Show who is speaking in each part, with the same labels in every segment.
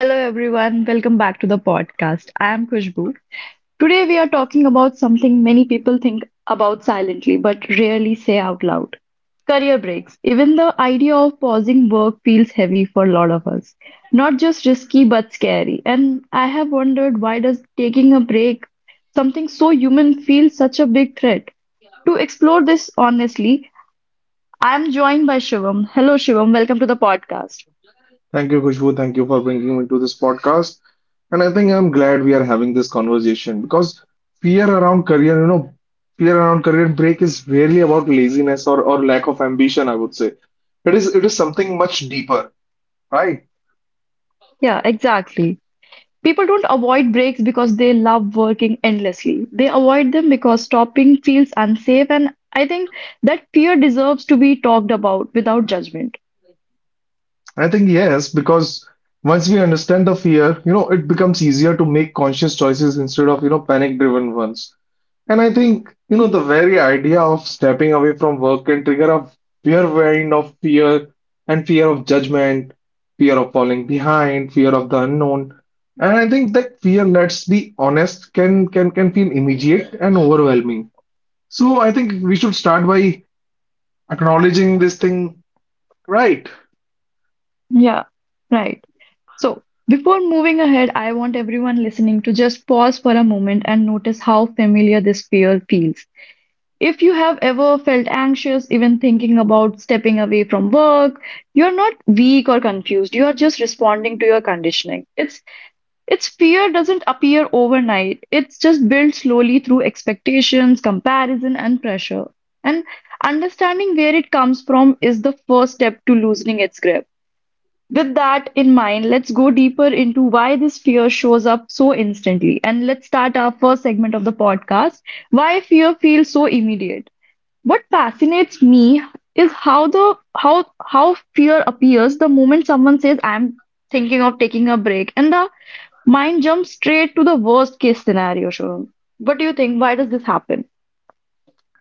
Speaker 1: Hello everyone, welcome back to the podcast. I am Kushbu. Today we are talking about something many people think about silently but rarely say out loud. Career breaks. Even the idea of pausing work feels heavy for a lot of us. Not just risky but scary. And I have wondered, why does taking a break, something so human, feel such a big threat? To explore this honestly, I am joined by Shivam. Hello Shivam, welcome to the podcast.
Speaker 2: Thank you, Khushbu. Thank you for bringing me to this podcast. And I think I'm glad we are having this conversation because fear around career, fear around career break is rarely about laziness or lack of ambition, I would say. It is something much deeper, right?
Speaker 1: Yeah, exactly. People don't avoid breaks because they love working endlessly. They avoid them because stopping feels unsafe, and I think that fear deserves to be talked about without judgment.
Speaker 2: I think yes, because once we understand the fear, it becomes easier to make conscious choices instead of, panic driven ones. And I think, the very idea of stepping away from work can trigger a fear wind of fear and fear of judgment, fear of falling behind, fear of the unknown. And I think that fear, let's be honest, can feel immediate and overwhelming. So I think we should start by acknowledging this thing right.
Speaker 1: Yeah, right. So, before moving ahead, I want everyone listening to just pause for a moment and notice how familiar this fear feels. If you have ever felt anxious, even thinking about stepping away from work, you're not weak or confused. You are just responding to your conditioning. It's Its fear doesn't appear overnight. It's just built slowly through expectations, comparison, and pressure. And understanding where it comes from is the first step to loosening its grip. With that in mind, let's go deeper into why this fear shows up so instantly. And let's start our first segment of the podcast: why fear feels so immediate. What fascinates me is how fear appears the moment someone says, I'm thinking of taking a break, and the mine jumps straight to the worst case scenario, Shubham. What do you think? Why does this happen?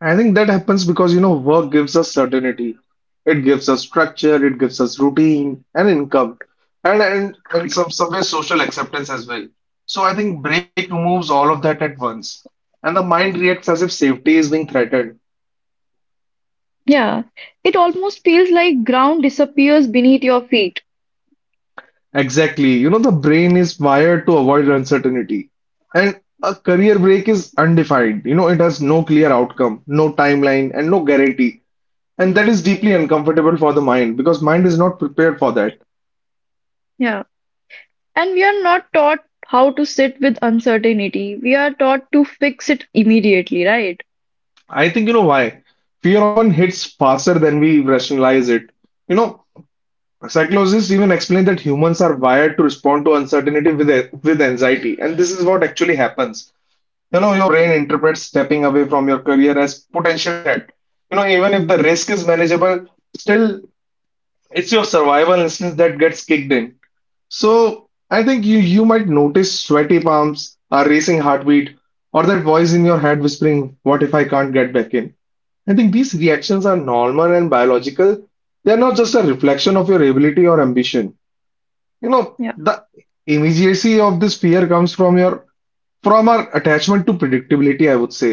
Speaker 2: I think that happens because, work gives us certainty. It gives us structure, it gives us routine and income, and and some way social acceptance as well. So I think break removes all of that at once, and the mind reacts as if safety is being threatened.
Speaker 1: Yeah, it almost feels like ground disappears beneath your feet.
Speaker 2: Exactly. You know, the brain is wired to avoid uncertainty, and a career break is undefined. You know, it has no clear outcome, no timeline, and no guarantee. And that is deeply uncomfortable for the mind because mind is not prepared for that.
Speaker 1: Yeah, and we are not taught how to sit with uncertainty. We are taught to fix it immediately, right?
Speaker 2: I think you know why. Fear often hits faster than we rationalize it. You know, psychologists even explain that humans are wired to respond to uncertainty with anxiety, and this is what actually happens. You know, your brain interprets stepping away from your career as potential threat. You know, even if the risk is manageable, still it's your survival instinct that gets kicked in. So I think you might notice sweaty palms, a racing heartbeat, or that voice in your head whispering, "What if I can't get back in?" I think these reactions are normal and biological. They're not just a reflection of your ability or ambition. You know,
Speaker 1: Yeah,
Speaker 2: the immediacy of this fear comes from your from our attachment to predictability, I would say.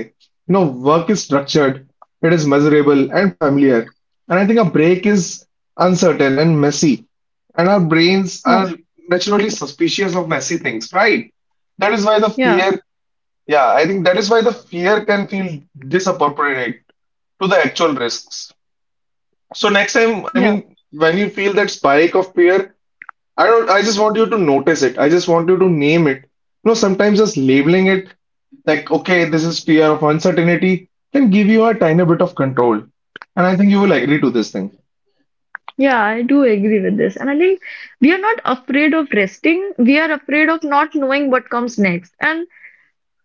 Speaker 2: You know, work is structured, it is measurable and familiar. And I think a break is uncertain and messy. And our brains
Speaker 1: yeah,
Speaker 2: are naturally suspicious of messy things, right? That is why the
Speaker 1: yeah,
Speaker 2: fear, yeah, I think that is why the fear can feel disappropriate to the actual risks. So next time, I
Speaker 1: yeah,
Speaker 2: mean, when you feel that spike of fear, I don't, I just want you to notice it. I just want you to name it. You know, sometimes just labeling it like, okay, this is fear of uncertainty, can give you a tiny bit of control. And I think you will agree to this thing.
Speaker 1: yeah. I do agree with this, and I think we are not afraid of resting. We are afraid of not knowing what comes next, and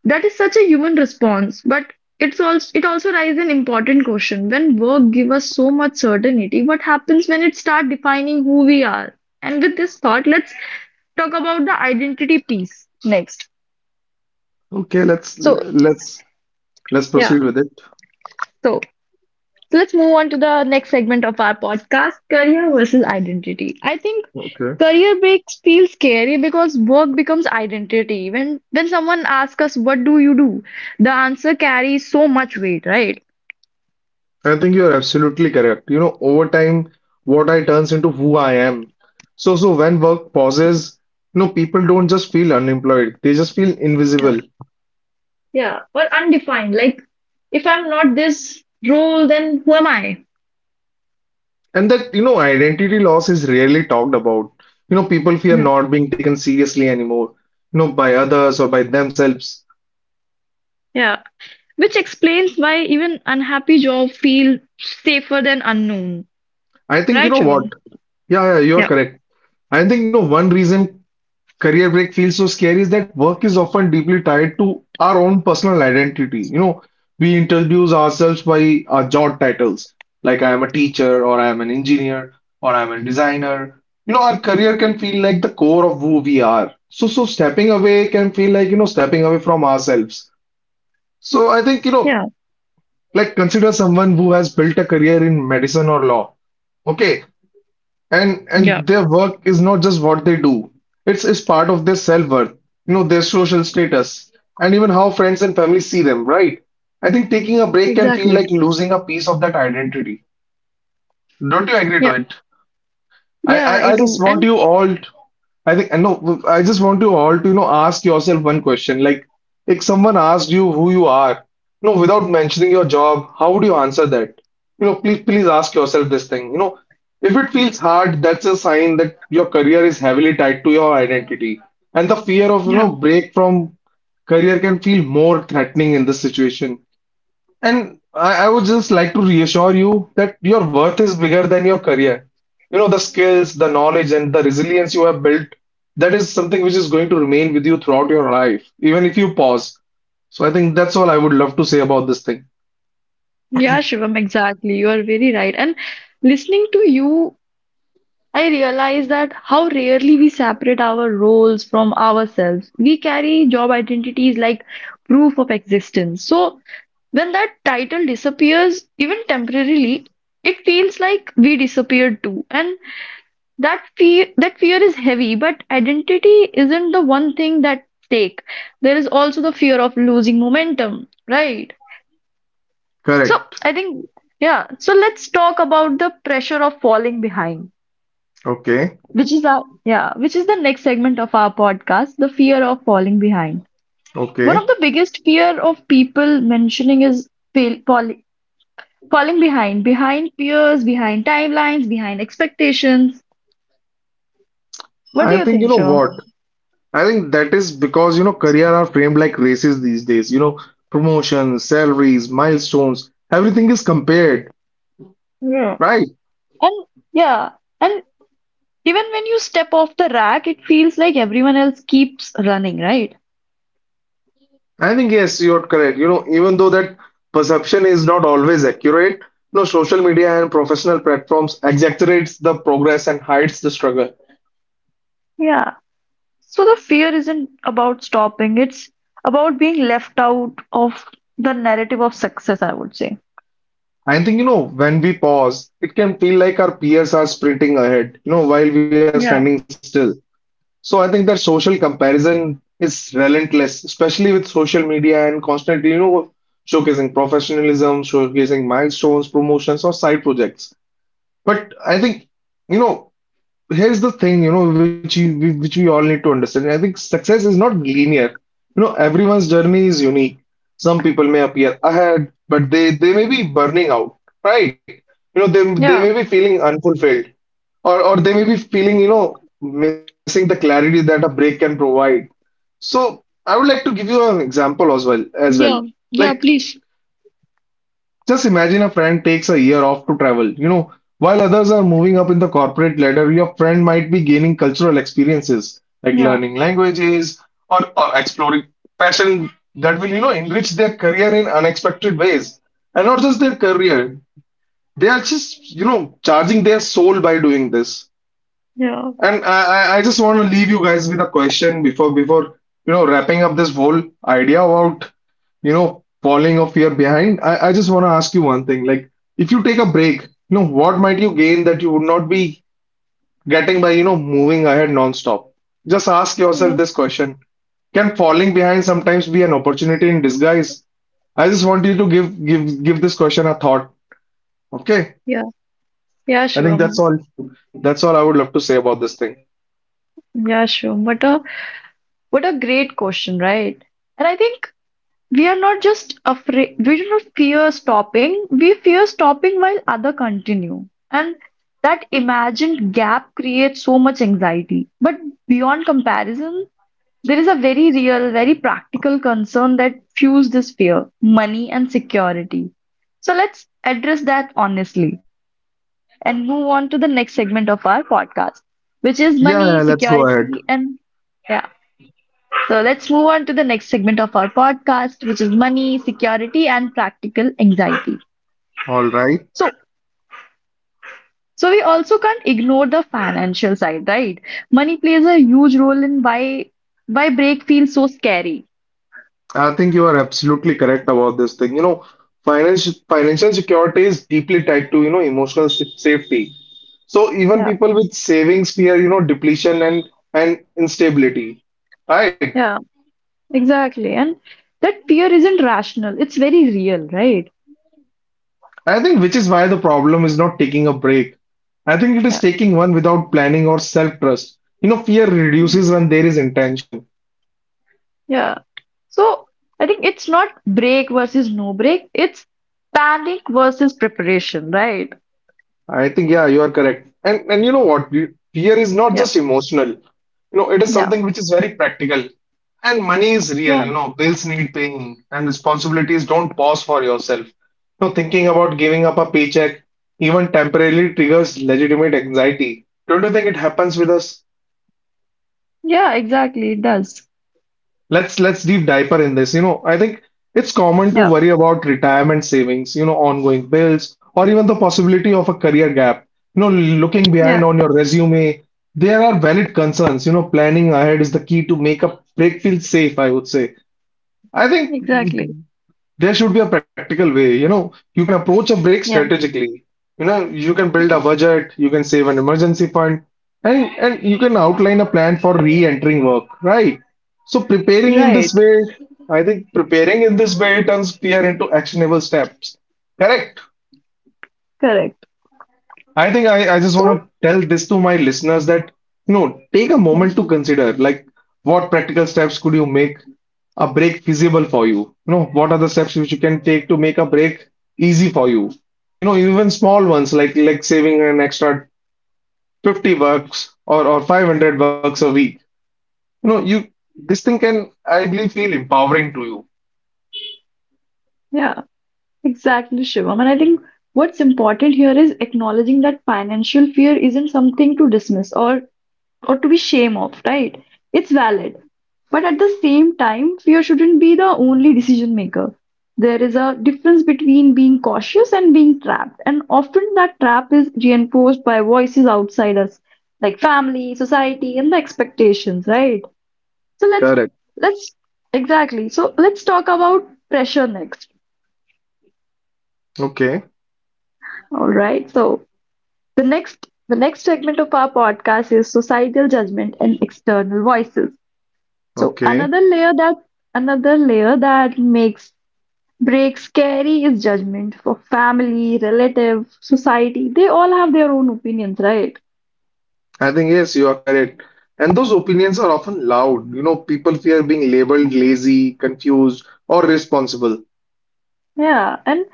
Speaker 1: that is such a human response, but it also raises an important question. When work gives us so much certainty, what happens when it starts defining who we are? And with this thought, let's talk about the identity piece next.
Speaker 2: Okay, let's
Speaker 1: So,
Speaker 2: let's let's
Speaker 1: yeah,
Speaker 2: proceed with it.
Speaker 1: so let's move on to the next segment of our podcast, career versus identity. I think
Speaker 2: Okay.
Speaker 1: career breaks feel scary because work becomes identity. When someone asks us, "What do you do?", the answer carries so much weight, right?
Speaker 2: I think you are absolutely correct. You know, over time, what I turns into who I am. So when work pauses, people don't just feel unemployed, they just feel invisible.
Speaker 1: Yeah, or undefined. Like, if I'm not this role, then who am I?
Speaker 2: And that, identity loss is rarely talked about. You know, people fear
Speaker 1: Yeah.
Speaker 2: not being taken seriously anymore, by others or by themselves.
Speaker 1: Yeah, which explains why even unhappy job feel safer than unknown,
Speaker 2: I think, you
Speaker 1: right,
Speaker 2: know what?
Speaker 1: Shivam?
Speaker 2: Yeah, yeah, you are
Speaker 1: Yeah,
Speaker 2: correct. I think, one reason career break feels so scary is that work is often deeply tied to our own personal identity. You know, we introduce ourselves by our job titles, like I am a teacher, or I am an engineer, or I am a designer. You know, our career can feel like the core of who we are. So stepping away can feel like, stepping away from ourselves. So, I think, you know,
Speaker 1: yeah,
Speaker 2: like consider someone who has built a career in medicine or law. Okay, and
Speaker 1: yeah,
Speaker 2: their work is not just what they do. It's part of their self-worth, you know, their social status, and even how friends and family see them, right? I think taking a break can feel
Speaker 1: exactly.
Speaker 2: like losing a piece of that identity. Don't you agree to
Speaker 1: Yeah,
Speaker 2: it? I,
Speaker 1: yeah, I
Speaker 2: I, I
Speaker 1: do.
Speaker 2: just want
Speaker 1: And
Speaker 2: you all, to, I think, no, I just want you all to, ask yourself one question. Like, if someone asked you who you are, without mentioning your job, how would you answer that? You know, please ask yourself this thing. You know, if it feels hard, that's a sign that your career is heavily tied to your identity. And the fear of,
Speaker 1: yeah,
Speaker 2: break from career can feel more threatening in this situation. And I would just like to reassure you that your worth is bigger than your career. You know, the skills, the knowledge, and the resilience you have built, that is something which is going to remain with you throughout your life, even if you pause. So I think that's all I would love to say about this thing.
Speaker 1: yeah, Shivam, exactly. You are very right. And listening to you, I realize that how rarely we separate our roles from ourselves. We carry job identities like proof of existence. So when that title disappears, even temporarily, it feels like we disappeared too. And that fear is heavy, but identity isn't the one thing that stake. There is also the fear of losing momentum, right? So
Speaker 2: Correct.
Speaker 1: I think, yeah, so let's talk about the pressure of falling behind,
Speaker 2: Okay.
Speaker 1: which is our, yeah, which is the next segment of our podcast, the fear of falling behind. One of
Speaker 2: Okay.
Speaker 1: the biggest fear of people mentioning is fail, fall, falling behind peers, behind timelines, behind expectations. What do
Speaker 2: I
Speaker 1: you
Speaker 2: think you
Speaker 1: think,
Speaker 2: know
Speaker 1: Shom?
Speaker 2: what? I think that is because you know career are framed like races these days. You know, promotions, salaries, milestones, everything is compared,
Speaker 1: yeah
Speaker 2: right?
Speaker 1: and yeah, and even when you step off the rack, it feels like everyone else keeps running, right?
Speaker 2: I think yes, you're correct. You know, even though that perception is not always accurate, you know, social media and professional platforms exaggerates the progress and hides the struggle.
Speaker 1: Yeah, so the fear isn't about stopping, it's about being left out of the narrative of success, I would say.
Speaker 2: I think, when we pause, it can feel like our peers are sprinting ahead, while we are standing still. So I think that social comparison is relentless, especially with social media and constantly, showcasing professionalism, showcasing milestones, promotions, or side projects. But I think, you know, here's the thing, which we all need to understand. I think success is not linear. You know, everyone's journey is unique. Some people may appear ahead, but they may be burning out, right? You know, they may
Speaker 1: Yeah.
Speaker 2: be feeling unfulfilled, or they may be feeling, missing the clarity that a break can provide. So I would like to give you an example as well.
Speaker 1: Yeah,
Speaker 2: Like
Speaker 1: yeah, please.
Speaker 2: just imagine a friend takes a year off to travel. You know, while others are moving up in the corporate ladder, your friend might be gaining cultural experiences like
Speaker 1: Yeah,
Speaker 2: learning languages or exploring passion that will, enrich their career in unexpected ways. And not just their career, they are just, charging their soul by doing this.
Speaker 1: yeah,
Speaker 2: And I just want to leave you guys with a question before wrapping up this whole idea about falling off your behind. I just want to ask you one thing. Like if you take a break, what might you gain that you would not be getting by, moving ahead non-stop? Just ask yourself
Speaker 1: yeah,
Speaker 2: this question. Can falling behind sometimes be an opportunity in disguise? I just want you to give this question a thought. Okay.
Speaker 1: yeah, yeah,
Speaker 2: I think that's
Speaker 1: Shivam.
Speaker 2: all I would love to say about this thing.
Speaker 1: Yeah, Shivam. What a great question, right? And I think we are not just afraid, we do not fear stopping, we fear stopping while other continue. And that imagined gap creates so much anxiety. But beyond comparison, there is a very real, very practical concern that fuels this fear, money and security. So let's address that honestly and move on to the next segment of our podcast, which is
Speaker 2: Yeah,
Speaker 1: money,
Speaker 2: yeah, let's go ahead.
Speaker 1: security, and, yeah. So let's move on to the next segment of our podcast, which is money, security, and practical anxiety.
Speaker 2: All right.
Speaker 1: So, so, we also can't ignore the financial side, right? Money plays a huge role in why break feels so scary.
Speaker 2: I think you are absolutely correct about this thing. You know, financial security is deeply tied to, emotional s- safety. So even
Speaker 1: Yeah,
Speaker 2: people with savings fear, depletion and instability. Right.
Speaker 1: yeah, exactly. And that fear isn't rational, it's very real, right?
Speaker 2: I think which is why the problem is not taking a break. I think it is
Speaker 1: Yeah.
Speaker 2: taking one without planning or self-trust. You know, fear reduces when there is intention.
Speaker 1: Yeah. So I think it's not break versus no break, it's panic versus preparation, right?
Speaker 2: I think, yeah, you are correct. And you know what? You- Fear is not
Speaker 1: Yeah,
Speaker 2: just emotional. You know, it is
Speaker 1: yeah,
Speaker 2: something which is very practical. And money is real,
Speaker 1: yeah,
Speaker 2: you know, bills need paying and responsibilities don't pause for yourself. You know, thinking about giving up a paycheck even temporarily triggers legitimate anxiety. Don't you think it happens with us?
Speaker 1: yeah, exactly. It does.
Speaker 2: Let's deep diver in this. You know, I think it's common to
Speaker 1: Yeah,
Speaker 2: worry about retirement savings, ongoing bills, or even the possibility of a career gap. You know, looking behind
Speaker 1: yeah,
Speaker 2: on your resume, there are valid concerns. You know, planning ahead is the key to make a break feel safe, I would say. I think
Speaker 1: exactly.
Speaker 2: there should be a practical way. You know, you can approach a break
Speaker 1: Yeah,
Speaker 2: strategically. You know, you can build a budget, you can save an emergency fund, and you can outline a plan for re-entering work, right? So preparing in this
Speaker 1: right,
Speaker 2: way, I think preparing in this way turns fear into actionable steps. Correct?
Speaker 1: correct.
Speaker 2: I think I just want
Speaker 1: So,
Speaker 2: to tell this to my listeners that, take a
Speaker 1: yeah,
Speaker 2: moment to consider like what practical steps could you make a break feasible for you? You know, what are the steps which you can take to make a break easy for you? You know, even small ones like saving an extra 50 bucks or 500 bucks a week. You know, you this thing can, I believe, feel empowering to you.
Speaker 1: yeah, exactly, Shivam. And I think what's important here is acknowledging that financial fear isn't something to dismiss or to be shame of, right? It's valid. But at the same time, fear shouldn't be the only decision maker. There is a difference between being cautious and being trapped, and often that trap is reinforced by voices outside us, like family, society, and the expectations, right? So
Speaker 2: Correct.
Speaker 1: let's Exactly. So let's talk about pressure next.
Speaker 2: Okay,
Speaker 1: All right. So the next segment of our podcast is societal judgment and external voices. So
Speaker 2: okay.
Speaker 1: another layer that makes breaks scary is judgment for family, relative, society. They all have their own opinions, right?
Speaker 2: I think, yes, you are correct. And those opinions are often loud. You know, people fear being labeled lazy, confused, or responsible.
Speaker 1: Yeah, and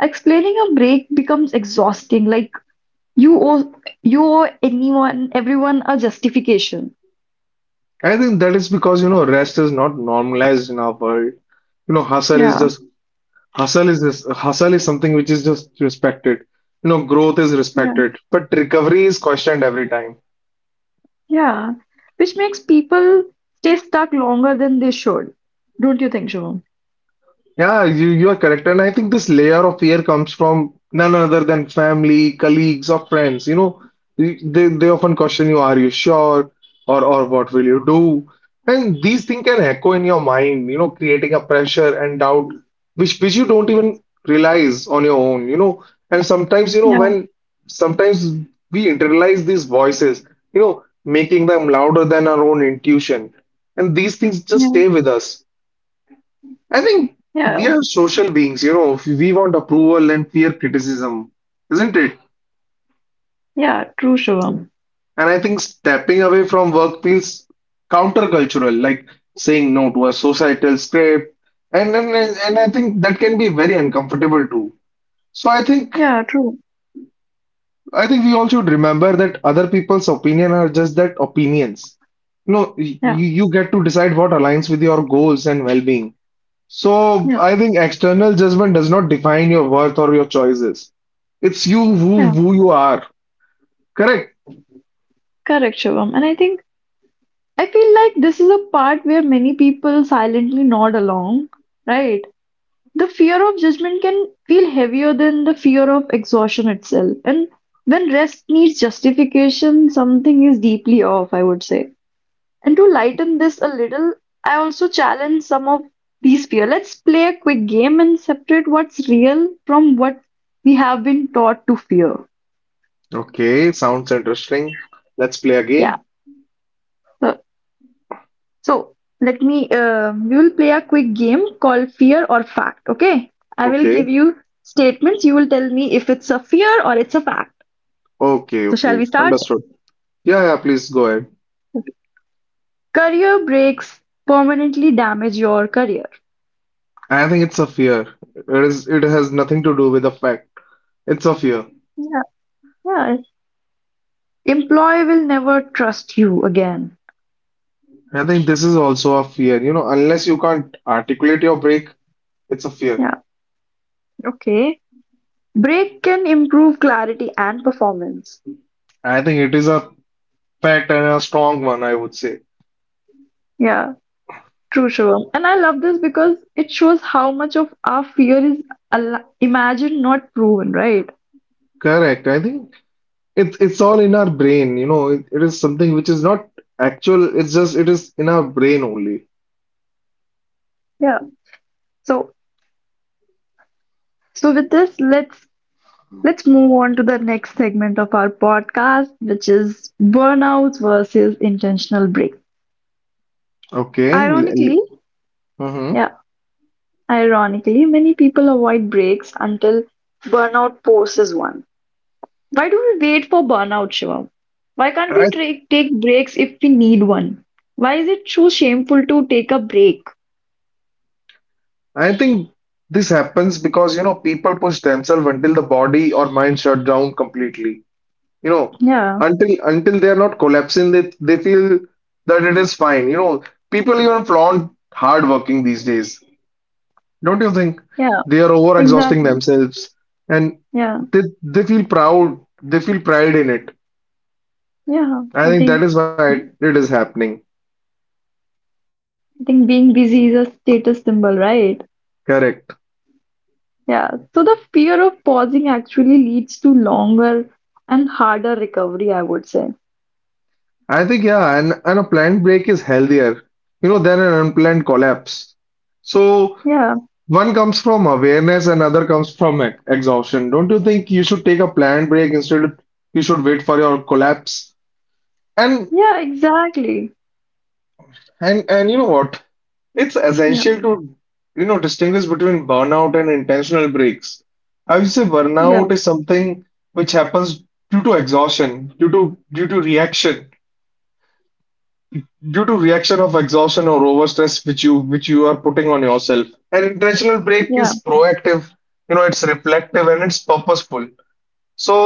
Speaker 1: explaining a break becomes exhausting. Like, you owe you owe anyone, everyone a justification.
Speaker 2: I think that is because, you know, rest is not normalized in our world. You know,
Speaker 1: Yeah,
Speaker 2: hustle is something which is just respected. You know, growth is
Speaker 1: yeah,
Speaker 2: respected, but recovery is questioned every time.
Speaker 1: yeah. Which makes people stay stuck longer than they should. Don't you think, Shivam?
Speaker 2: Yeah, you are correct, and I think this layer of fear comes from none other than family, colleagues, or friends. You know, they they often question you, "Are you sure?" "Or what will you do?" And these things can echo in your mind. You know, creating a pressure and doubt, which you don't even realize on your own. You know, and sometimes you know
Speaker 1: Yeah,
Speaker 2: when sometimes we internalize these voices. You know, making them louder than our own intuition, and these things just
Speaker 1: yeah,
Speaker 2: stay with us. I think
Speaker 1: yeah,
Speaker 2: we are social beings, you know, we want approval and fear criticism, isn't it?
Speaker 1: yeah. True, Shivam.
Speaker 2: And I think stepping away from work feels countercultural, like saying no to a societal script. And I think that can be very uncomfortable too. So I think
Speaker 1: Yeah, true.
Speaker 2: I think we all should remember that other people's opinion are just that opinions. No, you,
Speaker 1: Yeah,
Speaker 2: you get to decide what aligns with your goals and well-being. So
Speaker 1: yeah.
Speaker 2: I think external judgment does not define your worth or your choices. It's you who
Speaker 1: Yeah.
Speaker 2: who you are. Correct.
Speaker 1: Correct, Shivam. And I feel like this is a part where many people silently nod along, right? The fear of judgment can feel heavier than the fear of exhaustion itself. And when rest needs justification, something is deeply off, I would say. And to lighten this a little, I also challenge some of these fear. Let's play a quick game and separate what's real from what we have been taught to fear.
Speaker 2: Okay, sounds interesting. Let's play a
Speaker 1: Yeah.
Speaker 2: game.
Speaker 1: So, So, we will play a quick game called Fear or Fact, okay? I will
Speaker 2: Okay.
Speaker 1: give you statements. You will tell me if it's a fear or it's a fact.
Speaker 2: Okay,
Speaker 1: So shall
Speaker 2: okay.
Speaker 1: we start?
Speaker 2: Understood. Yeah, yeah, please go ahead.
Speaker 1: Career breaks permanently damage your career.
Speaker 2: I think it's a fear. It is it has nothing to do with the fact. It's a fear.
Speaker 1: Yeah, yeah. Employee will never trust you again.
Speaker 2: I think this is also a fear. You know, unless you can't articulate your break, it's a fear.
Speaker 1: Yeah, okay. Break can improve clarity and performance.
Speaker 2: I think it is a fact and a strong one, I would say.
Speaker 1: Yeah, true, Shivam. And I love this because it shows how much of our fear is imagined, not proven, right?
Speaker 2: Correct. I think it's all in our brain, you know. It is something which is not actual. It's just it is in our brain only.
Speaker 1: So, so, with this, let's move on to the next segment of our podcast, which is burnouts versus intentional break.
Speaker 2: Okay. Mm-hmm.
Speaker 1: Ironically, yeah, ironically, many people avoid breaks until burnout forces one. Why do we wait for burnout, Shivam? Why can't
Speaker 2: I
Speaker 1: we take breaks if we need one? Why is it so shameful to take a break?
Speaker 2: I think this happens because, you know, people push themselves until the body or mind shut down completely. You know,
Speaker 1: Yeah,
Speaker 2: until they are not collapsing, they feel that it is fine. You know, people even flaunt hard working these days. Don't you think
Speaker 1: yeah,
Speaker 2: they are over exhausting
Speaker 1: exactly.
Speaker 2: themselves and
Speaker 1: Yeah,
Speaker 2: they feel proud. They feel pride in it.
Speaker 1: yeah.
Speaker 2: I think
Speaker 1: I
Speaker 2: that is
Speaker 1: think
Speaker 2: why it is happening.
Speaker 1: being busy is a status symbol, right?
Speaker 2: Correct.
Speaker 1: Yeah, so the fear of pausing actually leads to longer and harder recovery, I would say.
Speaker 2: I think, yeah, and a planned break is healthier, you know, than an unplanned collapse. So
Speaker 1: Yeah,
Speaker 2: one comes from awareness, another comes from exhaustion. Don't you think you should take a planned break instead you should wait for your collapse? And
Speaker 1: yeah, exactly.
Speaker 2: and you know what? It's
Speaker 1: Yeah,
Speaker 2: essential to, you know, distinguish between burnout and intentional breaks. I would say
Speaker 1: yeah,
Speaker 2: burnout is something which happens due to exhaustion, due to reaction. Due to reaction of exhaustion or overstress which you are putting on yourself. An intentional break is
Speaker 1: yeah,
Speaker 2: proactive, you know, it's reflective and it's purposeful. So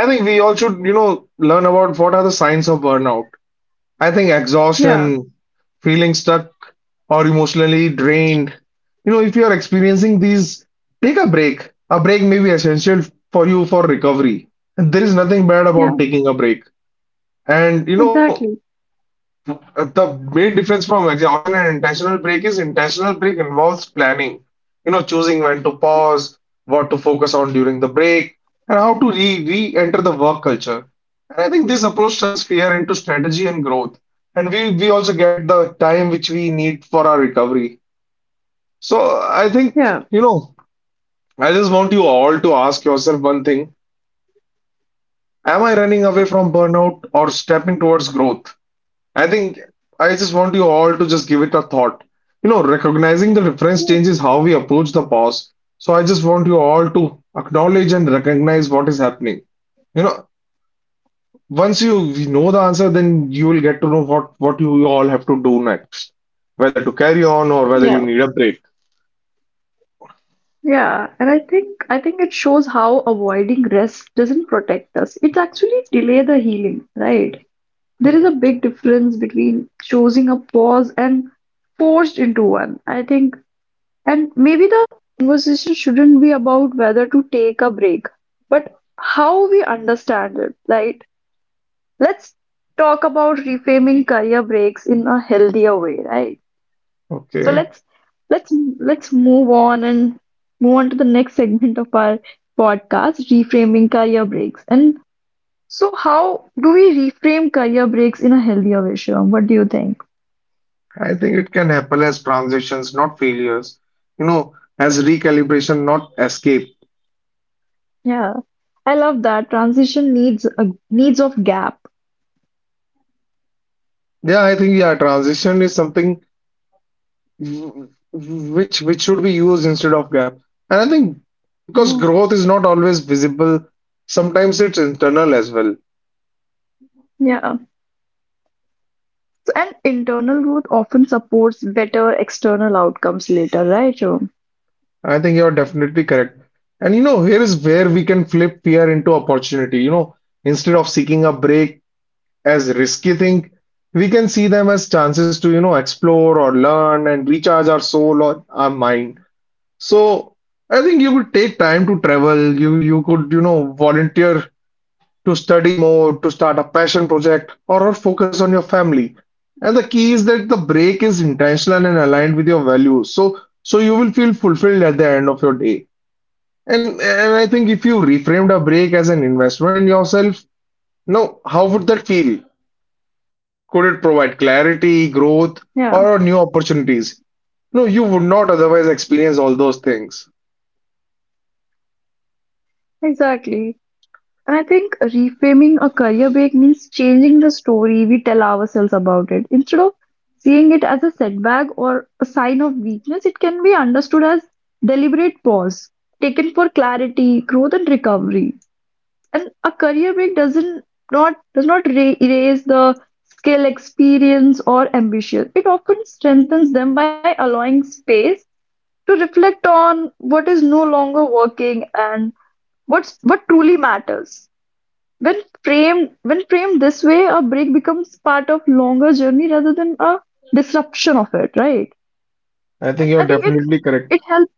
Speaker 2: I think we all should, you know, learn about what are the signs of burnout. I think
Speaker 1: yeah,
Speaker 2: exhaustion, feeling stuck, or emotionally drained, you know, if you are experiencing these, take a break. A break may be essential for you for recovery, and there is nothing bad about
Speaker 1: yeah,
Speaker 2: taking a break. And you know
Speaker 1: exactly.
Speaker 2: uh, the main difference from exhaustion and intentional break is intentional break involves planning, you know, choosing when to pause, what to focus on during the break, and how to re re-enter the work culture. And I think this approach turns fear into strategy and growth. And we also get the time which we need for our recovery. So I think,
Speaker 1: Yeah,
Speaker 2: you know, I just want you all to ask yourself one thing. Am I running away from burnout or stepping towards growth? I think I just want you all to just give it a thought. You know, recognizing the reference changes how we approach the pause. So I just want you all to acknowledge and recognize what is happening. You know, once you we know the answer, then you will get to know what you all have to do next, whether to carry on or whether
Speaker 1: yeah,
Speaker 2: you need a break.
Speaker 1: yeah. And I think it shows how avoiding rest doesn't protect us. It's actually delay the healing, right? There is a
Speaker 2: Correct.
Speaker 1: big difference between choosing a pause and forced into one. I think, and maybe the conversation shouldn't be about whether to take a break, but how we understand it, right? Let's talk about reframing career breaks in a healthier way, right? So
Speaker 2: Okay.
Speaker 1: let's let's move on to the next segment of our podcast, reframing career breaks. And so how do we reframe career breaks in a healthier way, Shivam? What do you think?
Speaker 2: I think it can happen as transitions, not failures. You know, as recalibration, not escape.
Speaker 1: Yeah. I love that. Transition needs of gap.
Speaker 2: Yeah, I think yeah, transition is something which should be used instead of gap, and I think because
Speaker 1: Yeah.
Speaker 2: growth is not always visible, sometimes it's internal as well.
Speaker 1: Yeah. And internal growth often supports better external outcomes later, right, Rom?
Speaker 2: I think you're definitely correct. And you know, here is where we can flip fear into opportunity. You know, instead of seeking a break as risky thing, we can see them as chances to, you know, explore or learn and recharge our soul or our mind. So I think you could take time to travel, you could, you know, volunteer, to study more, to start a passion project, or focus on your family. And the key is that the break is intentional and aligned with your values. So, so you will feel fulfilled at the end of your day. And I think if you reframed a break as an investment in yourself, now how would that feel? Could it provide
Speaker 1: Yeah,
Speaker 2: clarity, growth, or new opportunities? No, you would not otherwise experience all those things.
Speaker 1: exactly. And I think reframing a career break means changing the story we tell ourselves about it. Instead of seeing it as a setback or a sign of weakness, it can be understood as deliberate pause taken for clarity, growth, and recovery. And a career break does not erase the skill, experience, or ambition. It often strengthens them by allowing space to reflect on what is no longer working and what truly matters. When when framed this way, a break becomes part of longer journey rather than a disruption of it, right?
Speaker 2: I think
Speaker 1: And
Speaker 2: you're
Speaker 1: I think it
Speaker 2: definitely correct.
Speaker 1: it helps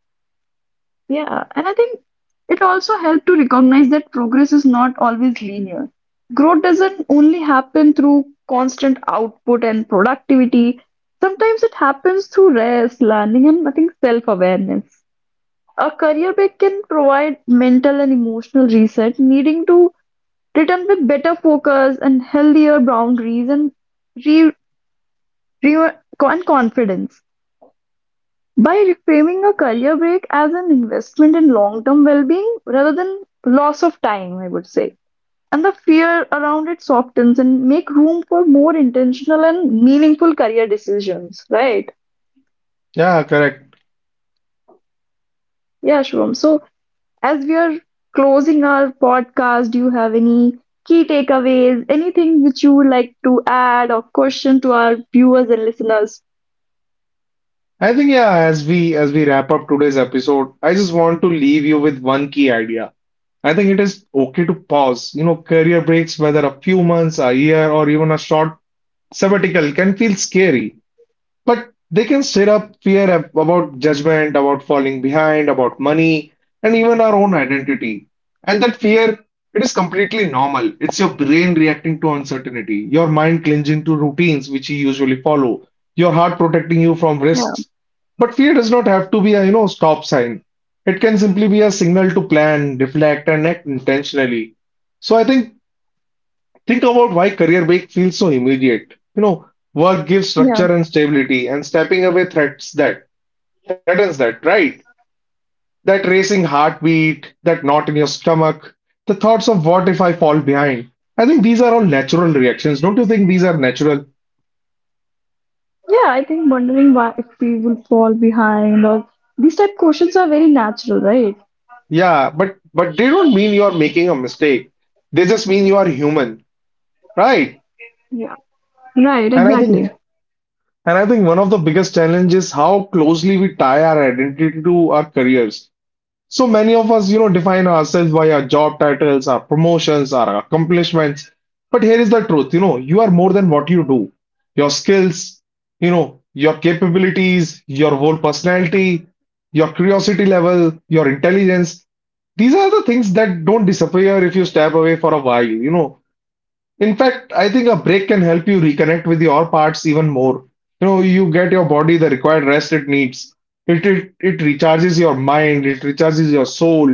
Speaker 1: yeah, and I think it also helped to recognize that progress is not always linear. Growth doesn't only happen through constant output and productivity. Sometimes it happens through rest, learning, and I think self-awareness. A career break can provide mental and emotional reset, needing to return with better focus and healthier boundaries, and re, re and confidence. By reframing a career break as an investment in long-term well-being rather than loss of time, I would say. And the fear around it softens and make room for more intentional and meaningful career decisions, right?
Speaker 2: Yeah, correct.
Speaker 1: Yeah, Shubham. So as we are closing our podcast, do you have any key takeaways, anything which you would like to add or question to our viewers and listeners?
Speaker 2: I think yeah, as we wrap up today's episode, I just want to leave you with one key idea. I think it is okay to pause. You know, career breaks, whether a few months, a year, or even a short sabbatical, can feel scary. But they can stir up fear about judgment, about falling behind, about money, and even our own identity. And that fear, it is completely normal. It's your brain reacting to uncertainty, your mind clinging to routines which you usually follow, your heart protecting you from
Speaker 1: Yeah,
Speaker 2: risks. But fear does not have to be a, you know, stop sign. It can simply be a signal to plan, reflect, and act intentionally. So I think about why career break feels so immediate. You know, work gives
Speaker 1: yeah,
Speaker 2: structure and stability, and stepping away threats that threatens that, right? That racing heartbeat, that knot in your stomach, the thoughts of what if I fall
Speaker 1: yeah.
Speaker 2: behind. I think these are all natural reactions. Don't you think these are natural?
Speaker 1: Yeah, I think wondering why if we will fall behind or these type questions are very natural, right?
Speaker 2: Yeah, but they don't mean you are making a mistake. They just mean you are human, right?
Speaker 1: Yeah. Right,
Speaker 2: And I think
Speaker 1: exactly.
Speaker 2: and I think one of the biggest challenges is how closely we tie our identity to our careers. So many of us, you know, define ourselves by our job titles, our promotions, our accomplishments. But here is the truth, you know, you are more than what you do. Your skills, you know, your capabilities, your whole personality, your curiosity level, your intelligence. These are the things that don't disappear if you step away for a while, you know. In fact, I think a break can help you reconnect with your parts even more. You know, you get your body the required rest it needs. It recharges your mind, it recharges your soul,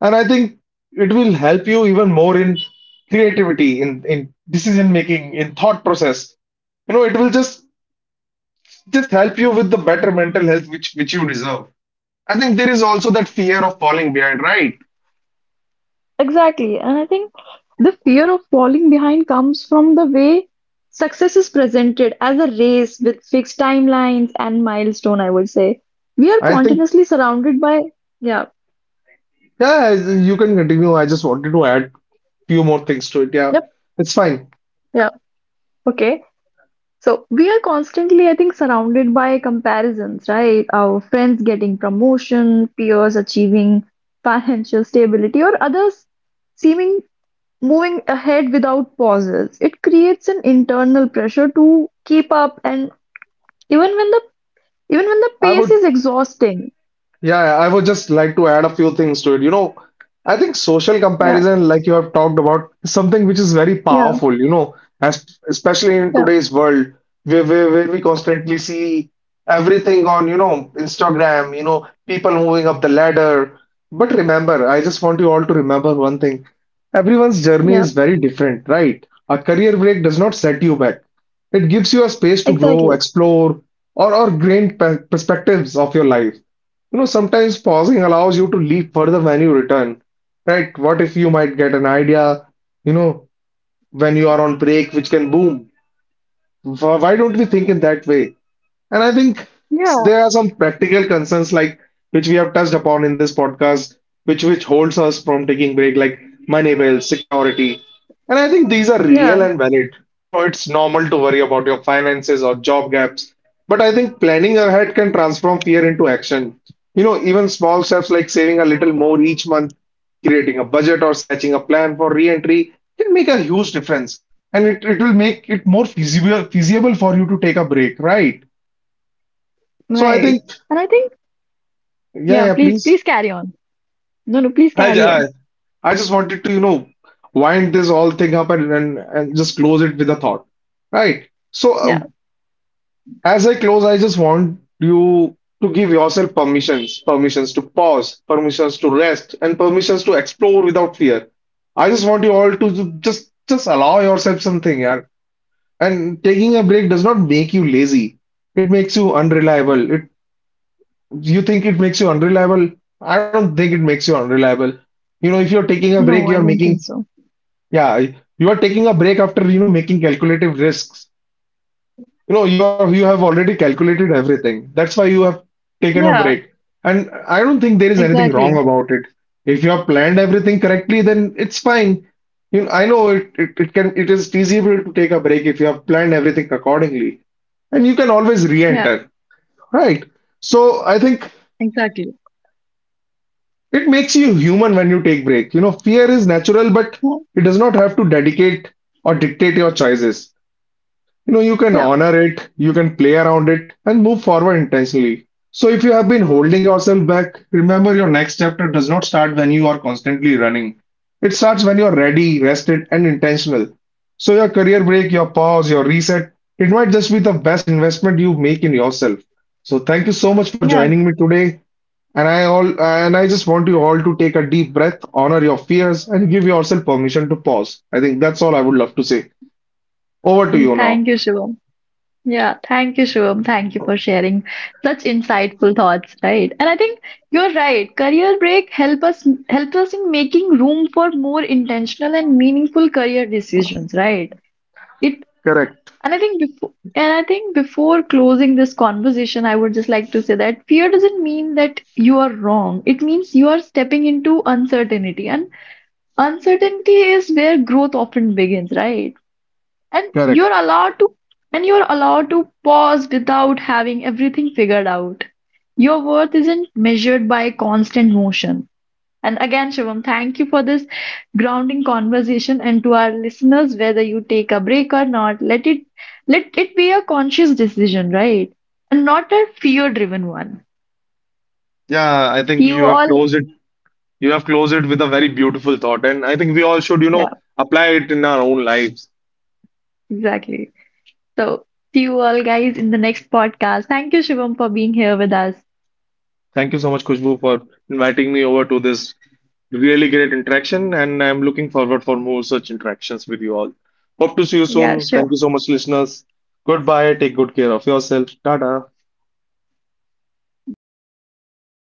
Speaker 2: and I think it will help you even more in creativity, in decision making, in thought process. You know, it will just help you with the better mental health which you deserve. I think there is also that fear of falling behind, right?
Speaker 1: Exactly. And I think the fear of falling behind comes from the way success is presented as a race with fixed timelines and milestone, I would say. We are
Speaker 2: I think
Speaker 1: continuously surrounded by, yeah.
Speaker 2: yeah, you can continue. I just wanted to add few more things to it. Yeah,
Speaker 1: Yep.
Speaker 2: it's fine.
Speaker 1: Yeah. Okay. So we are constantly, I think, surrounded by comparisons, right? Our friends getting promotion, peers achieving financial stability, or others seeming moving ahead without pauses. It creates an internal pressure to keep up, and even when the even when the
Speaker 2: I
Speaker 1: pace
Speaker 2: would,
Speaker 1: is exhausting.
Speaker 2: yeah, yeah, I would just like to add a few things to it. You know, I think social
Speaker 1: Yeah,
Speaker 2: comparison, like you have talked about, is something which is very
Speaker 1: yeah,
Speaker 2: powerful, you know, as, especially in
Speaker 1: yeah,
Speaker 2: today's world where we constantly see everything on, you know, Instagram, you know, people moving up the ladder. But remember, I just want you all to remember one thing. Everyone's journey
Speaker 1: yeah.
Speaker 2: is very different, right? A career break does not set you back. It gives you a space to grow,
Speaker 1: Exactly.
Speaker 2: explore, or gain perspectives of your life. You know, sometimes pausing allows you to leap further when you return, right? What if you might get an idea, you know, when you are on break, which can boom? Why don't we think in that way? And I think there
Speaker 1: Yeah,
Speaker 2: are some practical concerns like which we have touched upon in this podcast, which holds us from taking break, like money bills, security. And I think these are real
Speaker 1: yeah,
Speaker 2: and valid. You know, it's normal to worry about your finances or job gaps. But I think planning ahead can transform fear into action. You know, even small steps like saving a little more each month, creating a budget or sketching a plan for re-entry can make a huge difference. And it will make it more feasible for you to take a break, right? So I
Speaker 1: right.
Speaker 2: think,
Speaker 1: And I think,
Speaker 2: yeah,
Speaker 1: yeah,
Speaker 2: yeah,
Speaker 1: please,
Speaker 2: please.
Speaker 1: please carry on. No, no, please
Speaker 2: I, ju-
Speaker 1: carry
Speaker 2: I,
Speaker 1: on.
Speaker 2: I just wanted to, you know, wind this all thing up and and just close it with a thought, right? So
Speaker 1: Yeah.
Speaker 2: as I close, I just want you to give yourself permissions, permissions to pause, permissions to rest, and permissions to explore without fear. I just want you all to just allow yourself something, yeah. And taking a break does not make you lazy. It makes you unreliable. It you think it makes you unreliable? I don't think it makes you unreliable. You know, if you're taking a
Speaker 1: No,
Speaker 2: break,
Speaker 1: I
Speaker 2: you're
Speaker 1: don't think
Speaker 2: making,
Speaker 1: so.
Speaker 2: yeah, you are taking a break after, you know, making calculative risks. You know, you have already calculated everything. That's why you have taken a
Speaker 1: Yeah.
Speaker 2: break. And I don't think there is anything
Speaker 1: Exactly.
Speaker 2: wrong about it. If you have planned everything correctly, then it's fine. You know, I know it is feasible to take a break if you have planned everything accordingly. And you can always
Speaker 1: Yeah,
Speaker 2: re-enter. Right. So I think
Speaker 1: exactly.
Speaker 2: it makes you human when you take break. You know, fear is natural, but
Speaker 1: Yeah,
Speaker 2: it does not have to dedicate or dictate your choices. You know, you can
Speaker 1: yeah,
Speaker 2: honor it, you can play around it, and move forward intentionally. So, if you have been holding yourself back, remember your next chapter does not start when you are constantly running. It starts when you're ready, rested, and intentional. So, your career break, your pause, your reset, it might just be the best investment you make in yourself. So, thank you so much for
Speaker 1: yeah.
Speaker 2: joining me today. And I just want you all to take a deep breath, honor your fears, and give yourself permission to pause. I think that's all I would love to say. Over to you now.
Speaker 1: Thank you, Shivam. Yeah, thank you, Shivam. Thank you for sharing such insightful thoughts, right? And I think you're right. Career break help us in making room for more intentional and meaningful career decisions, right? It
Speaker 2: Correct,
Speaker 1: and I think before and I think before closing this conversation, I would just like to say that fear doesn't mean that you are wrong. It means you are stepping into uncertainty. And uncertainty is where growth often begins, right? And you're
Speaker 2: correct.
Speaker 1: allowed to and you're allowed to pause without having everything figured out. Your worth isn't measured by constant motion. And again, Shivam, thank you for this grounding conversation. And to our listeners, whether you take a break or not, let it be a conscious decision, right? And not a fear-driven one.
Speaker 2: Yeah, I think
Speaker 1: See you
Speaker 2: you have
Speaker 1: all.
Speaker 2: closed it. You have closed it with a very beautiful thought, and I think we all should, you
Speaker 1: Yeah,
Speaker 2: know, apply it in our own lives.
Speaker 1: exactly. So see you all guys in the next podcast. Thank you, Shivam, for being here with us.
Speaker 2: Thank you so much, Kushbu, for inviting me over to this really great interaction, and I'm looking forward for more such interactions with you all. Hope to see you
Speaker 1: Yeah,
Speaker 2: soon. Thank you
Speaker 1: sure.
Speaker 2: so much, listeners. Goodbye. Take good care of yourself. Tata.
Speaker 1: Goodbye.